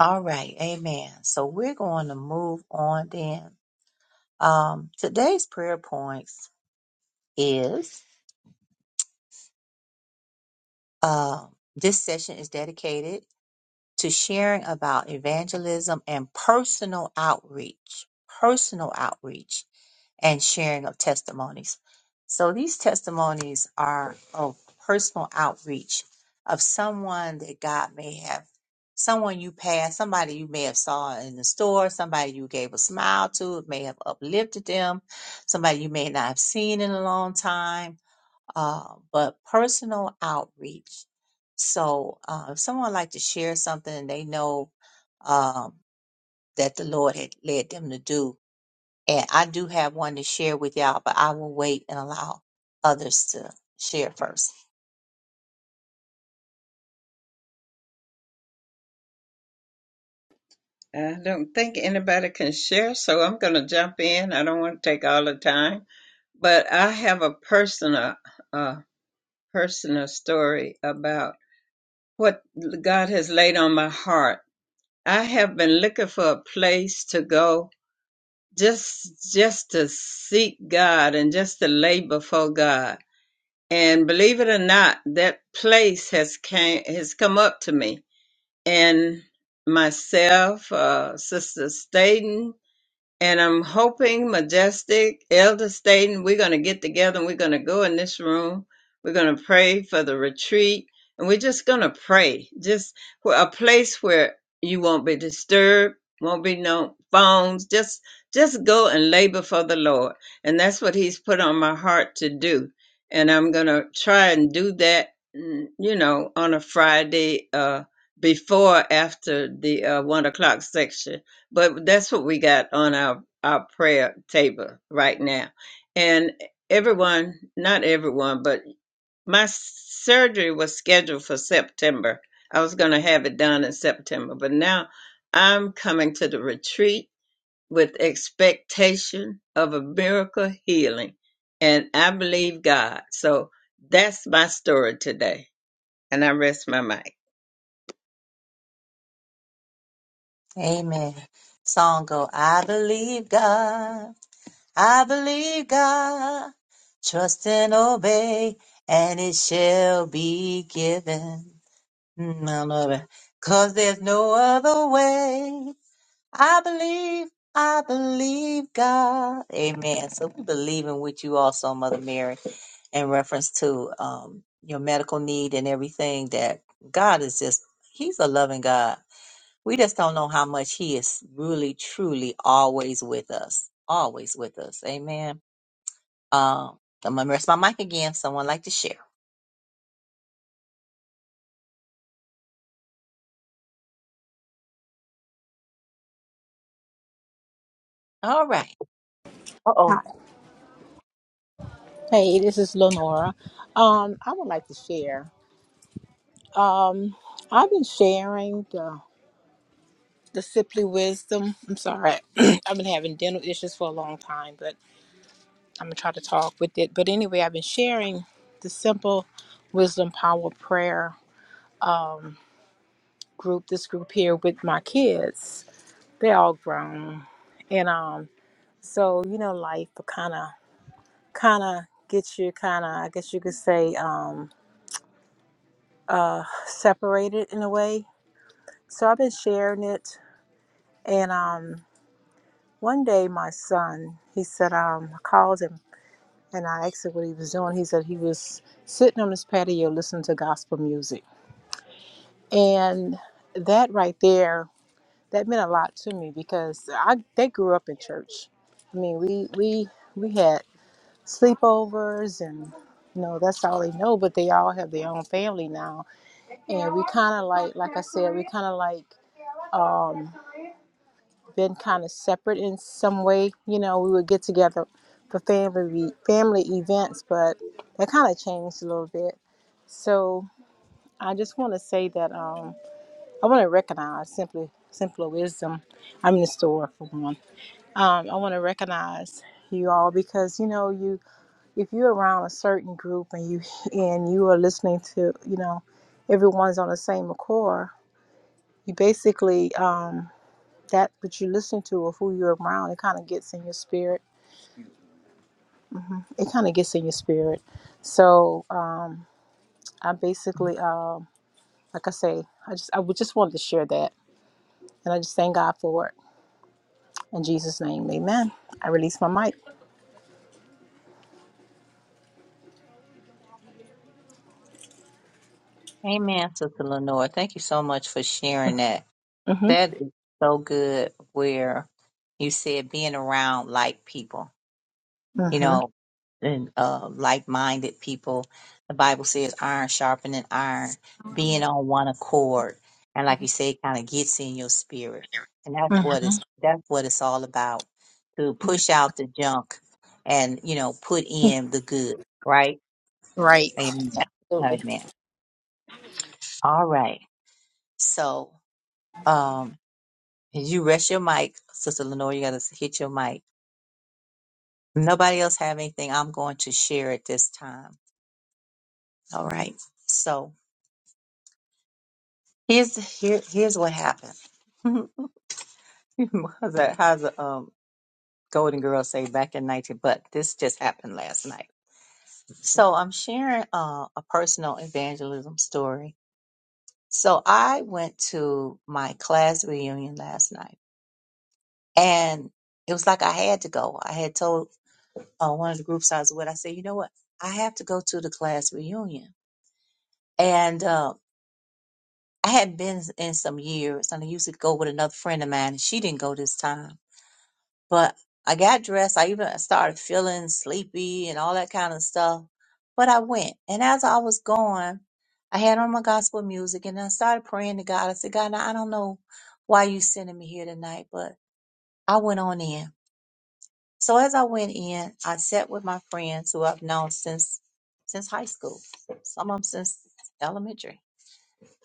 A: All right, Amen. So we're going to move on then. Um, today's prayer points is um, this session is dedicated to sharing about evangelism and personal outreach. Personal outreach and sharing of testimonies. So these testimonies are of personal outreach of someone that God may have, someone you passed, somebody you may have saw in the store, somebody you gave a smile to, it may have uplifted them, somebody you may not have seen in a long time, uh, but personal outreach. So uh, if someone like to share something and they know um, that the Lord had led them to do, and I do have one to share with y'all, but I will wait and allow others to share first.
B: I don't think anybody can share, so I'm going to jump in. I don't want to take all the time, but I have a personal, uh, personal story about what God has laid on my heart. I have been looking for a place to go just just to seek God and just to lay before God. And believe it or not, that place has came has come up to me and myself, uh, Sister Staten and I'm hoping Majestic, Elder Staten, we're going to get together and we're going to go in this room. We're going to pray for the retreat and we're just going to pray. Just for a place where you won't be disturbed, won't be no phones. Just just go and labor for the Lord. And that's what he's put on my heart to do. And I'm going to try and do that, mm, you know, on a Friday uh before after the uh, one o'clock section but that's what we got on our our prayer table right now and everyone not everyone but my surgery was scheduled for september i was going to have it done in september but now i'm coming to the retreat with expectation of a miracle healing and i believe god so that's my story today and i rest my mic
A: Amen. Song go, I believe God, I believe God, trust and obey, and it shall be given. Mm, I love it. Cause there's no other way. I believe, I believe God. Amen. So we believe in what you also, Mother Mary, in reference to um, your medical need and everything that God is just, He's a loving God. We just don't know how much He is really, truly always with us. Always with us. Amen. Um, I'm going to rest my mic again. Someone like to share. All right. Uh
E: Hi.
A: oh.
E: Hey, this is Lenora. Um, I would like to share. Um, I've been sharing the the simply wisdom. I'm sorry, I've been having dental issues for a long time, but I'm gonna try to talk with it. But anyway, I've been sharing the simple wisdom power prayer group. This group here with my kids. They're all grown, and um, so you know, life kind of kind of gets you kind of. I guess you could say um, uh, separated in a way So I've been sharing it, and um, one day my son, he said, um, I called him and I asked him what he was doing. He said he was sitting on his patio listening to gospel music, and that right there, that meant a lot to me because I they grew up in church. I mean, we we we had sleepovers and. You know, that's all they know, but they all have their own family now. And we kind of like, like I said, we kind of like um, been kind of separate in some way. You know, we would get together for family re- family events, but that kind of changed a little bit. So I just want to say that um, I want to recognize simply simpler wisdom. I'm in the store for one. Um, I want to recognize you all because you know you if you're around a certain group and you and you are listening to you know everyone's on the same accord. You basically um, that what you listen to or who you're around, it kind of gets in your spirit. hmm It kind of gets in your spirit. So um, I basically, um, like I say, I just I would just wanted to share that, and I just thank God for it. In Jesus' name, Amen. I release my mic.
A: Amen, Sister Lenore. Thank you so much for sharing that.
E: hmm
A: That is so good where you said being around like people, you
E: hmm
A: know, and uh, like minded people. The Bible says iron sharpening iron, being on one accord. And like you say, it kind of gets in your spirit. And that's what it's,
E: hmm
A: that's what it's all about to push out the junk and, you know, put in the good, right?
E: Right.
A: Amen.
E: Absolutely.
A: Amen. All right. So, um, you rest your mic, Sister Lenore, you got to hit your mic. nobody else have anything, I'm going to share it this time. All right. So here's here here's what happened. how's that? How's the um, Golden Girl say back in 19? But this just happened last night. So I'm sharing uh, a personal evangelism story. So I went to my class reunion last night, and it was like I had to go. I had told uh, one of the groups I was with, I said, you know what? I have to go to the class reunion, and. Uh, I hadn't been in some years, and I used to go with another friend of mine, and she didn't go this time. But I got dressed. I even started feeling sleepy and all that kind of stuff. But I went, and as I was going, I had on my gospel music, and I started praying to God. I said, God, I don't know why you sending me here tonight, but I went on in. So as I went in, I sat with my friends who I've known since since high school, some of them since elementary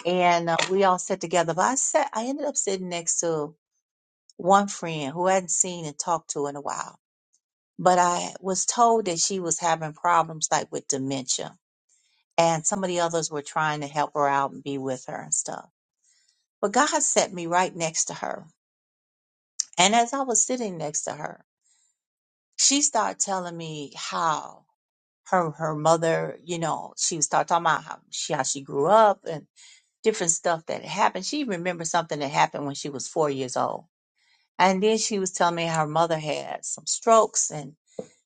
A: and uh, we all sat together. But I sat, I ended up sitting next to one friend who I hadn't seen and talked to in a while. But I was told that she was having problems like with dementia, and some of the others were trying to help her out and be with her and stuff. But God set me right next to her, and as I was sitting next to her, she started telling me how her her mother, you know, she was start talking about how she how she grew up and different stuff that happened. She remembered something that happened when she was four years old And then she was telling me how her mother had some strokes and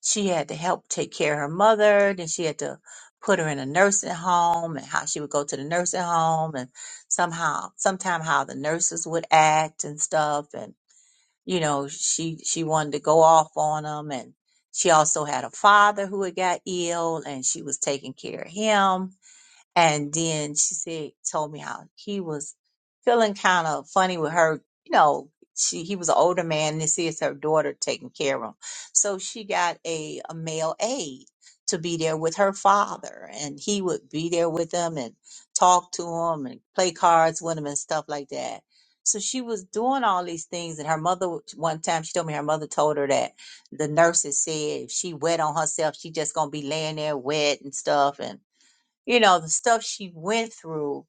A: she had to help take care of her mother. Then she had to put her in a nursing home and how she would go to the nursing home and somehow, sometime how the nurses would act and stuff. And, you know, she, she wanted to go off on them. And she also had a father who had got ill and she was taking care of him and then she said, told me how he was feeling kind of funny with her. You know, she he was an older man. And this is her daughter taking care of him. So she got a, a male aide to be there with her father, and he would be there with them and talk to him and play cards with him and stuff like that. So she was doing all these things, and her mother. One time, she told me her mother told her that the nurses said if she wet on herself, she just gonna be laying there wet and stuff, and you know, the stuff she went through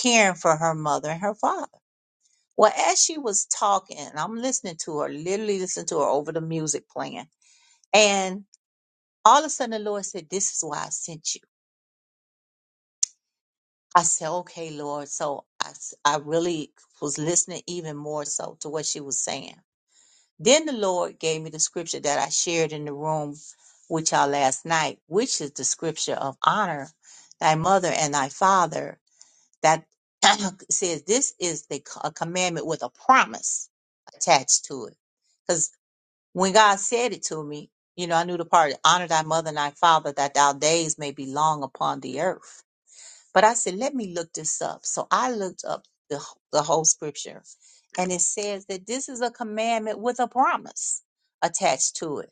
A: caring for her mother and her father. Well, as she was talking, and I'm listening to her, literally listening to her over the music playing. And all of a sudden, the Lord said, This is why I sent you. I said, Okay, Lord. So I, s- I really was listening even more so to what she was saying. Then the Lord gave me the scripture that I shared in the room with y'all last night, which is the scripture of honor thy mother and thy father that says this is the c- a commandment with a promise attached to it. Because when God said it to me, you know, I knew the part honor thy mother and thy father that thou days may be long upon the earth. But I said, let me look this up. So I looked up the, wh- the whole scripture and it says that this is a commandment with a promise attached to it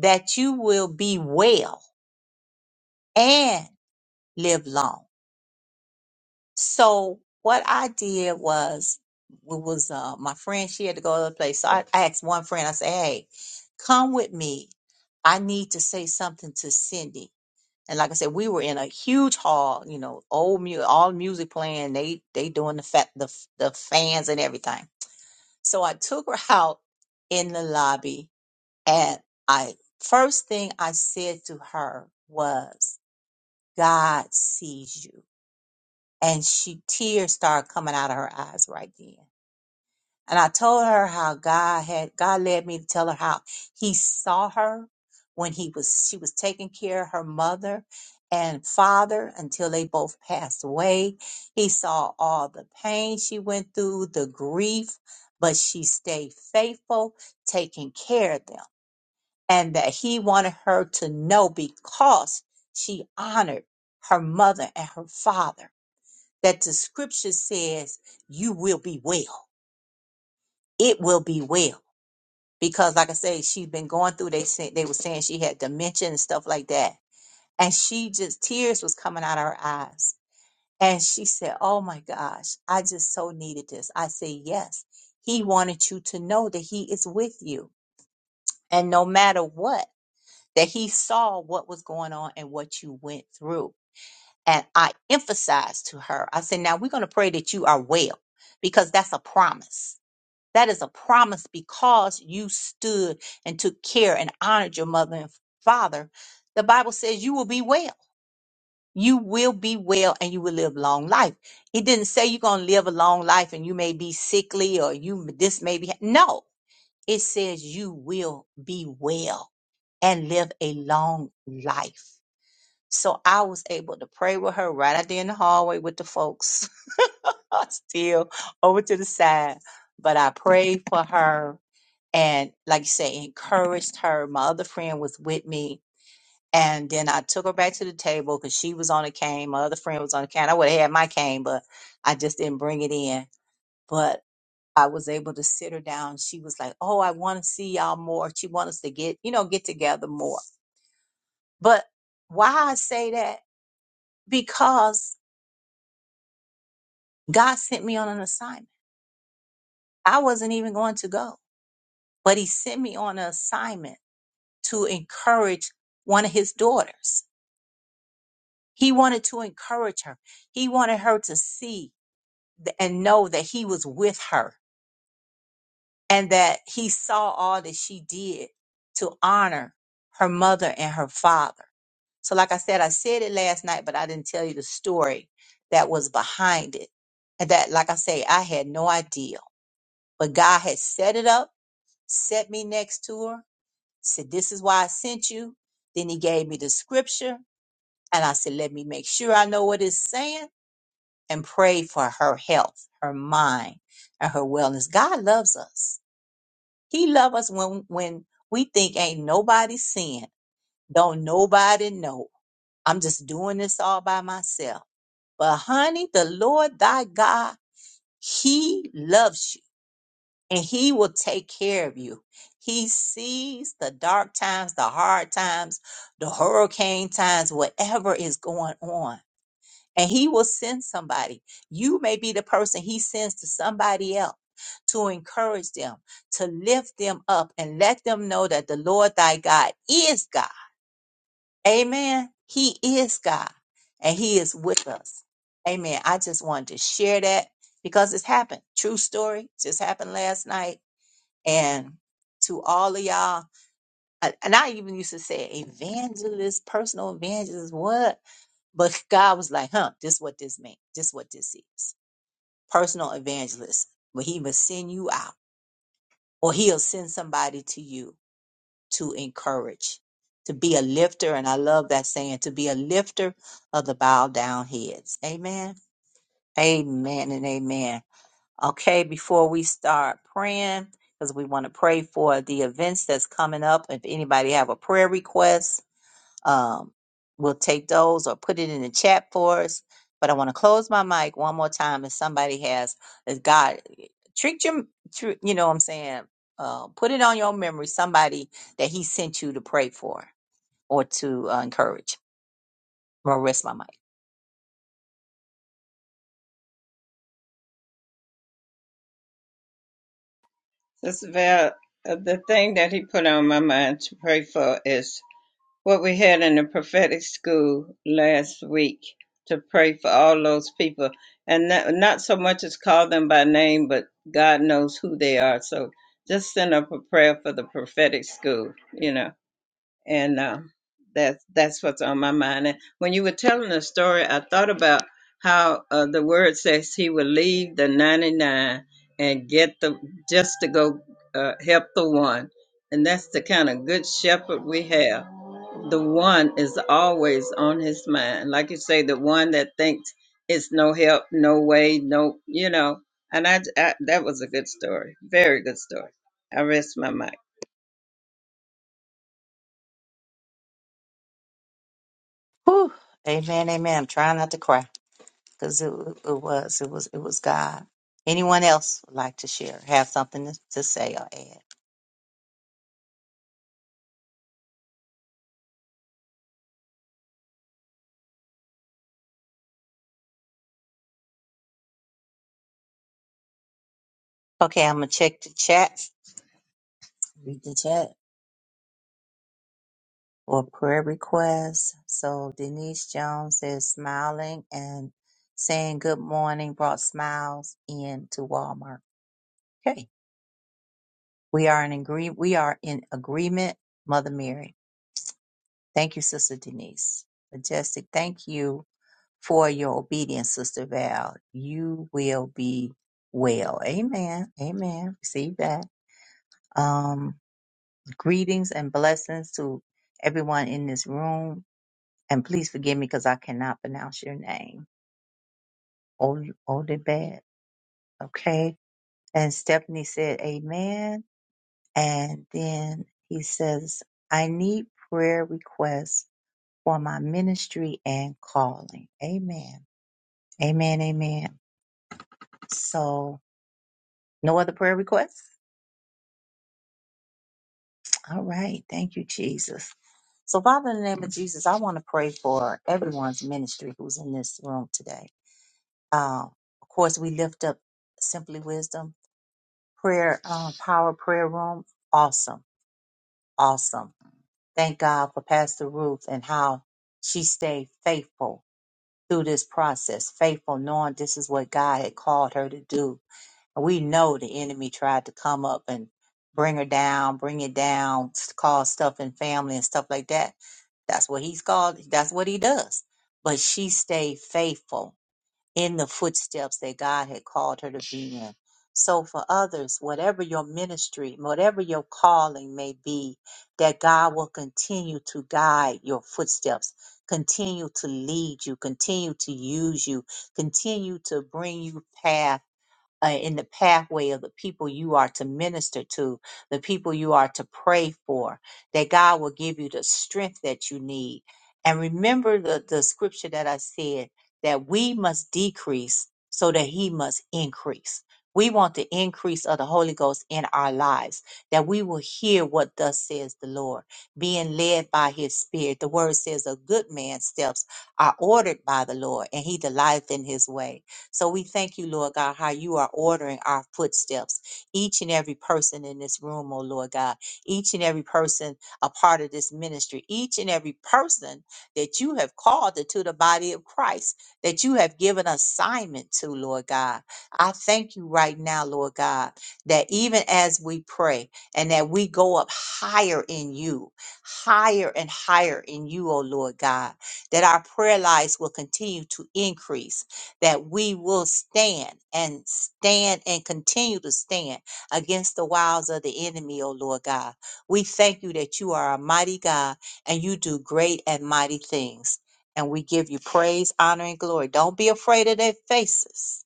A: that you will be well and live long So what I did was it was uh, my friend. She had to go to other place. So I I asked one friend. I said, "Hey, come with me. I need to say something to Cindy." And like I said, we were in a huge hall. You know, old music, all music playing. They they doing the fa- the f- the fans and everything. So I took her out in the lobby, and I first thing I said to her was, "God sees you." and she tears started coming out of her eyes right then. And I told her how God had God led me to tell her how He saw her when He was she was taking care of her mother and father until they both passed away. He saw all the pain she went through, the grief, but she stayed faithful, taking care of them. And that he wanted her to know because she honored her mother and her father that the scripture says you will be well. It will be well. Because like I say, she has been going through they said they were saying she had dementia and stuff like that. And she just tears was coming out of her eyes. And she said, Oh my gosh, I just so needed this. I say, Yes. He wanted you to know that he is with you. And no matter what, that he saw what was going on and what you went through. And I emphasized to her, I said, Now we're going to pray that you are well because that's a promise That is a promise because you stood and took care and honored your mother and father. The Bible says you will be well. You will be well and you will live long life. It didn't say you're going to live a long life and you may be sickly or you this may be no. It says you will be well and live a long life. So I was able to pray with her right out there in the hallway with the folks still over to the side. But I prayed for her and like you say encouraged her my other friend was with me and then i took her back to the table because she was on a cane my other friend was on a cane i would have had my cane but i just didn't bring it in but i was able to sit her down she was like oh i want to see y'all more she wants us to get you know get together more but why i say that because god sent me on an assignment i wasn't even going to go but he sent me on an assignment to encourage one of his daughters He wanted to encourage her. He wanted her to see th- and know that he was with her and that he saw all that she did to honor her mother and her father. So, like I said, I said it last night, but I didn't tell you the story that was behind it. And that, like I say, I had no idea. But God had set it up, set me next to her, said, This is why I sent you. Then he gave me the scripture. And I said, Let me make sure I know what it's saying and pray for her health, her mind, and her wellness. God loves us. He loves us when when we think ain't nobody sin, don't nobody know. I'm just doing this all by myself. But honey, the Lord thy God, he loves you and he will take care of you. He sees the dark times, the hard times, the hurricane times, whatever is going on and he will send somebody. You may be the person he sends to somebody else to encourage them, to lift them up, and let them know that the Lord thy God is God. Amen. He is God and he is with us. Amen. I just wanted to share that because it's happened. True story. Just happened last night. And to all of y'all, and and I even used to say evangelist, personal evangelist, what? But God was like, huh, this is what this means. This is what this is personal evangelist, where he must send you out or he'll send somebody to you to encourage, to be a lifter. And I love that saying, to be a lifter of the bowed down heads. Amen. Amen and amen. Okay, before we start praying, because we want to pray for the events that's coming up. If anybody have a prayer request, um, we'll take those or put it in the chat for us. But I want to close my mic one more time if somebody has, if God tricked you, tr- you know what I'm saying? Uh, put it on your memory, somebody that He sent you to pray for or to uh, encourage. I'm gonna rest my mic.
B: this is about the thing that he put on my mind to pray for is what we had in the prophetic school last week to pray for all those people and not, not so much as call them by name but god knows who they are so just send up a prayer for the prophetic school you know and uh, that's that's what's on my mind. And when you were telling the story, I thought about how uh, the word says he will leave the ninety nine and get the just to go uh, help the one, and that's the kind of good shepherd we have. The one is always on his mind, like you say, the one that thinks it's no help, no way, no, you know. And I, I that was a good story, very good story. I rest my mic.
A: Whew. Amen, amen. I'm trying not to cry because it, wa- it was, it was, it was God. Anyone else would like to share, have something to to say or add? Okay, I'm gonna check the chat. Read the chat. or prayer requests. So Denise Jones says smiling and saying good morning brought smiles into Walmart. Okay. We are in agree we are in agreement, Mother Mary. Thank you, Sister Denise. Majestic, thank you for your obedience, Sister Val. You will be well. Amen. Amen. Receive that. Um, greetings and blessings to everyone in this room. and please forgive me because I cannot pronounce your name. Ol- Odebet. Okay. And Stephanie said, Amen. And then he says, I need prayer requests for my ministry and calling. Amen. Amen. Amen. So, no other prayer requests? All right. Thank you, Jesus. So, Father, in the name of Jesus, I want to pray for everyone's ministry who's in this room today. Uh, of course, we lift up Simply Wisdom prayer uh, power prayer room awesome awesome thank god for pastor ruth and how she stayed faithful through this process faithful knowing this is what god had called her to do and we know the enemy tried to come up and bring her down bring it down cause stuff in family and stuff like that that's what he's called that's what he does but she stayed faithful in the footsteps that God had called her to be in. So, for others, whatever your ministry, whatever your calling may be, that God will continue to guide your footsteps, continue to lead you, continue to use you, continue to bring you past uh, in the pathway of the people you are to minister to, the people you are to pray for, that God will give you the strength that you need. And remember the, the scripture that I said that we must decrease so that He must increase. We want the increase of the Holy Ghost in our lives, that we will hear what thus says the Lord, being led by His Spirit. The word says, A good man's steps are ordered by the Lord, and He delighteth in His way so we thank you, Lord God, how you are ordering our footsteps. Each and every person in this room, oh Lord God, each and every person a part of this ministry, each and every person that you have called into the body of Christ, that you have given assignment to, Lord God. I thank you right now, Lord God, that even as we pray and that we go up higher in you, higher and higher in you, oh Lord God, that our prayer lives will continue to increase that we will stand and stand and continue to stand against the wiles of the enemy, O Lord God. We thank you that you are a mighty God and you do great and mighty things. And we give you praise, honor, and glory. Don't be afraid of their faces.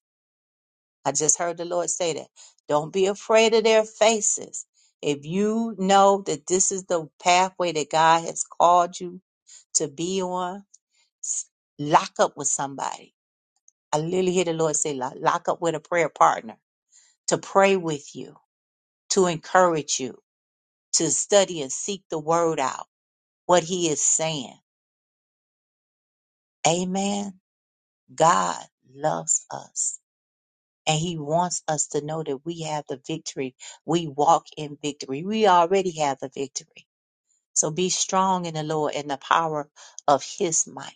A: I just heard the Lord say that. Don't be afraid of their faces. If you know that this is the pathway that God has called you to be on, s- lock up with somebody I literally hear the Lord say, "Lo- lock up with a prayer partner to pray with you, to encourage you, to study and seek the word out, what he is saying. Amen. God loves us and he wants us to know that we have the victory. We walk in victory. We already have the victory. So be strong in the Lord and the power of his might.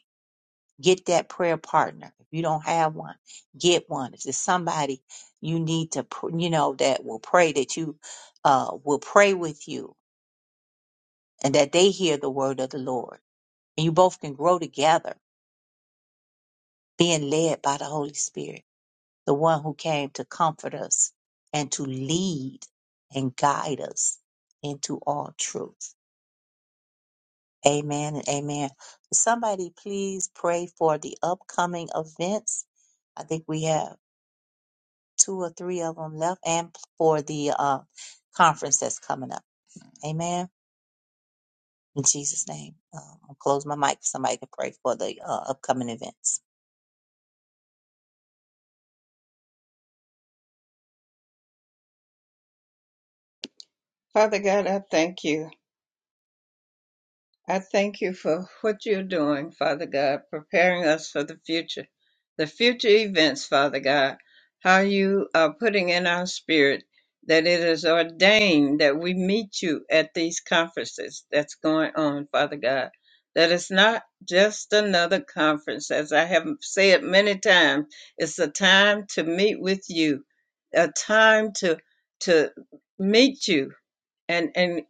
A: Get that prayer partner. If you don't have one, get one. If there's somebody you need to, pr- you know, that will pray that you uh, will pray with you and that they hear the word of the Lord. And you both can grow together, being led by the Holy Spirit, the one who came to comfort us and to lead and guide us into all truth. Amen and amen. Somebody please pray for the upcoming events. I think we have. two or three of them left, and for the uh, conference that's coming up. Amen. In Jesus' name, um, I'll close my mic. Somebody can pray for the uh, upcoming events.
B: Father God, I thank you. I thank you for what you're doing, Father God, preparing us for the future, the future events, Father God, how you are putting in our spirit that it is ordained that we meet you at these conferences that's going on, Father God. That it's not just another conference, as I have said many times, it's a time to meet with you, a time to to meet you and and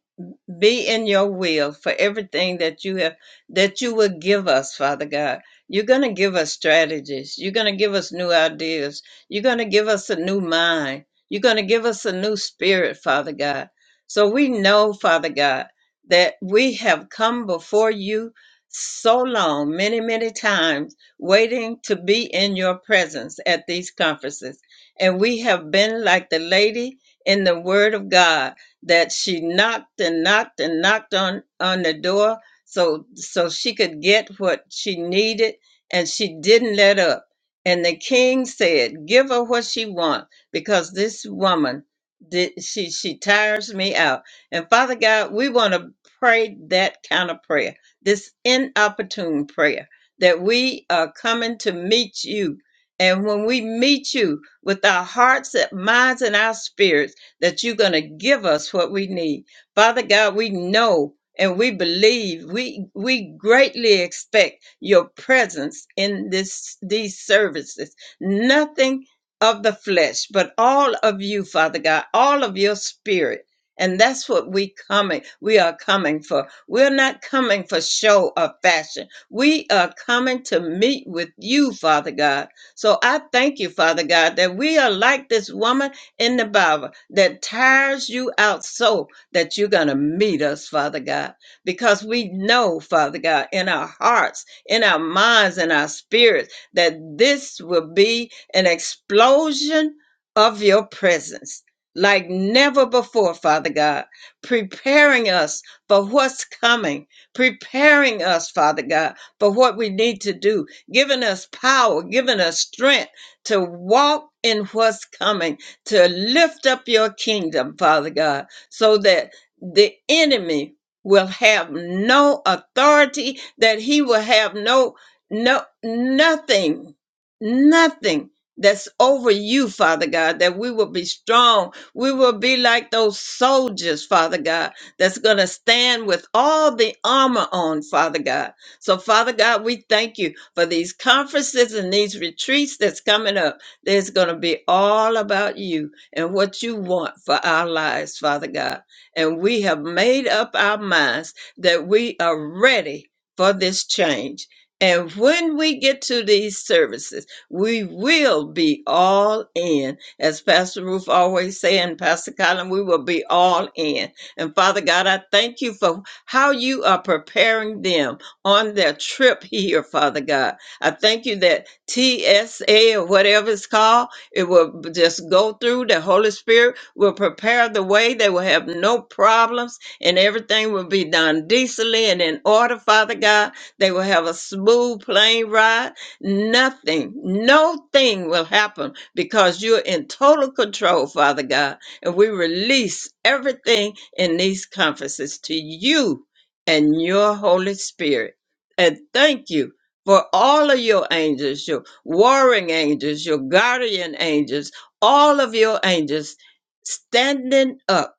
B: be in your will for everything that you have that you will give us father god you're going to give us strategies you're going to give us new ideas you're going to give us a new mind you're going to give us a new spirit father god so we know father god that we have come before you so long many many times waiting to be in your presence at these conferences and we have been like the lady in the word of god that she knocked and knocked and knocked on on the door so so she could get what she needed and she didn't let up and the king said give her what she wants because this woman did she she tires me out and father god we want to pray that kind of prayer this inopportune prayer that we are coming to meet you and when we meet you with our hearts and minds and our spirits that you're going to give us what we need. Father God, we know and we believe we we greatly expect your presence in this these services nothing of the flesh but all of you father god all of your spirit and that's what we coming we are coming for we're not coming for show or fashion we are coming to meet with you father god so i thank you father god that we are like this woman in the Bible that tires you out so that you're going to meet us, Father God, because we know, Father God, in our hearts, in our minds, in our spirits, that this will be an explosion of your presence. Like never before, Father God, preparing us for what's coming, preparing us, Father God, for what we need to do, giving us power, giving us strength to walk in what's coming to lift up your kingdom, Father God, so that the enemy will have no authority, that he will have no, no, nothing, nothing that's over you, Father God, that we will be strong. We will be like those soldiers, Father God, that's going to stand with all the armor on, Father God. So, Father God, we thank you for these conferences and these retreats that's coming up. It's going to be all about you and what you want for our lives, Father God. And we have made up our minds that we are ready for this change. And when we get to these services, we will be all in. As Pastor Ruth always say, and Pastor Colin, we will be all in. And Father God, I thank you for how you are preparing them on their trip here, Father God. I thank you that TSA or whatever it's called. It will b- just go through. The Holy Spirit will prepare the way. They will have no problems and everything will be done decently and in order, Father God. They will have a smooth plane ride. Nothing, no thing will happen because you're in total control, Father God. And we release everything in these conferences to you and your Holy Spirit. And thank you for all of your angels, your warring angels, your guardian angels, all of your angels standing up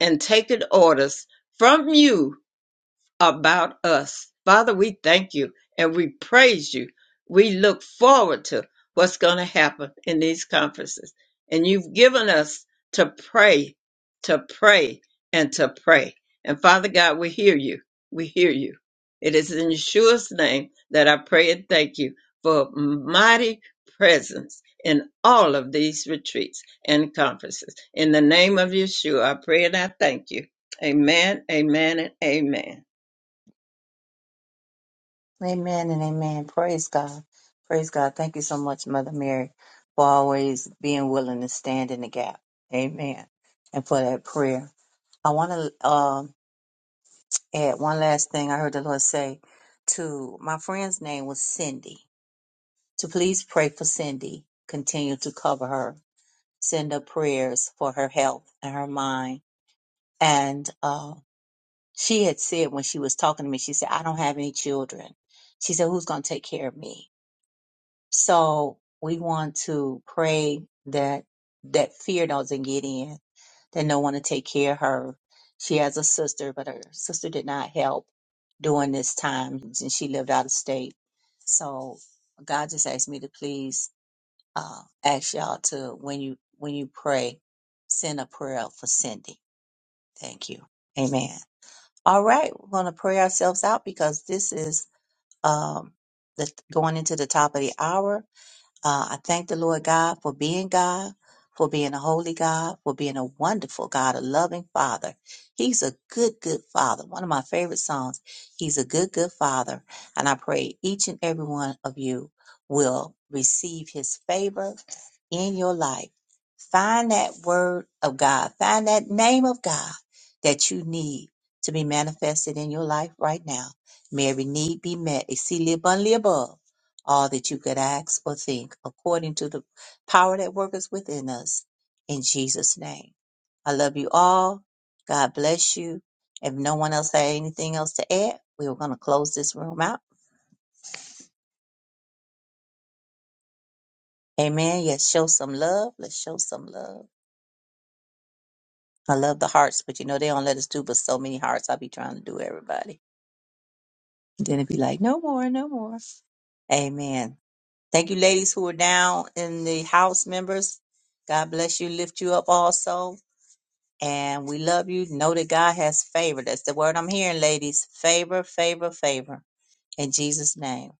B: and taking orders from you about us. Father, we thank you and we praise you. We look forward to what's going to happen in these conferences. And you've given us to pray, to pray, and to pray. And Father God, we hear you. We hear you. It is in Yeshua's name that I pray and thank you for mighty presence in all of these retreats and conferences. In the name of Yeshua, I pray and I thank you. Amen, amen, and amen.
A: Amen and amen. Praise God. Praise God. Thank you so much, Mother Mary, for always being willing to stand in the gap. Amen. And for that prayer. I want to um add one last thing I heard the Lord say to my friend's name was Cindy to please pray for Cindy. Continue to cover her send up prayers for her health and her mind. And uh, she had said when she was talking to me, she said, I don't have any children. She said, Who's going to take care of me? So we want to pray that that fear doesn't get in, that no one to take care of her. She has a sister, but her sister did not help during this time, and she lived out of state. So God just asked me to please uh, ask y'all to when you when you pray, send a prayer out for Cindy. Thank you. Amen. All right, we're gonna pray ourselves out because this is um the going into the top of the hour. Uh, I thank the Lord God for being God, for being a holy God, for being a wonderful God, a loving Father. He's a good, good Father. One of my favorite songs. He's a good, good Father. And I pray each and every one of you will receive his favor in your life. Find that word of God, find that name of God that you need to be manifested in your life right now. May every need be met, exceedingly abundantly above all that you could ask or think according to the power that worketh within us in Jesus' name. I love you all. God bless you. If no one else had anything else to add, we were going to close this room out. Amen. Yes, show some love. Let's show some love. I love the hearts, but you know, they don't let us do but so many hearts. I'll be trying to do everybody. Then it'd be like, no more, no more. Amen. Thank you, ladies who are down in the house members. God bless you, lift you up also. and we love you. Know that God has favor. That's the word I'm hearing, ladies. Favor, favor, favor. In Jesus' name.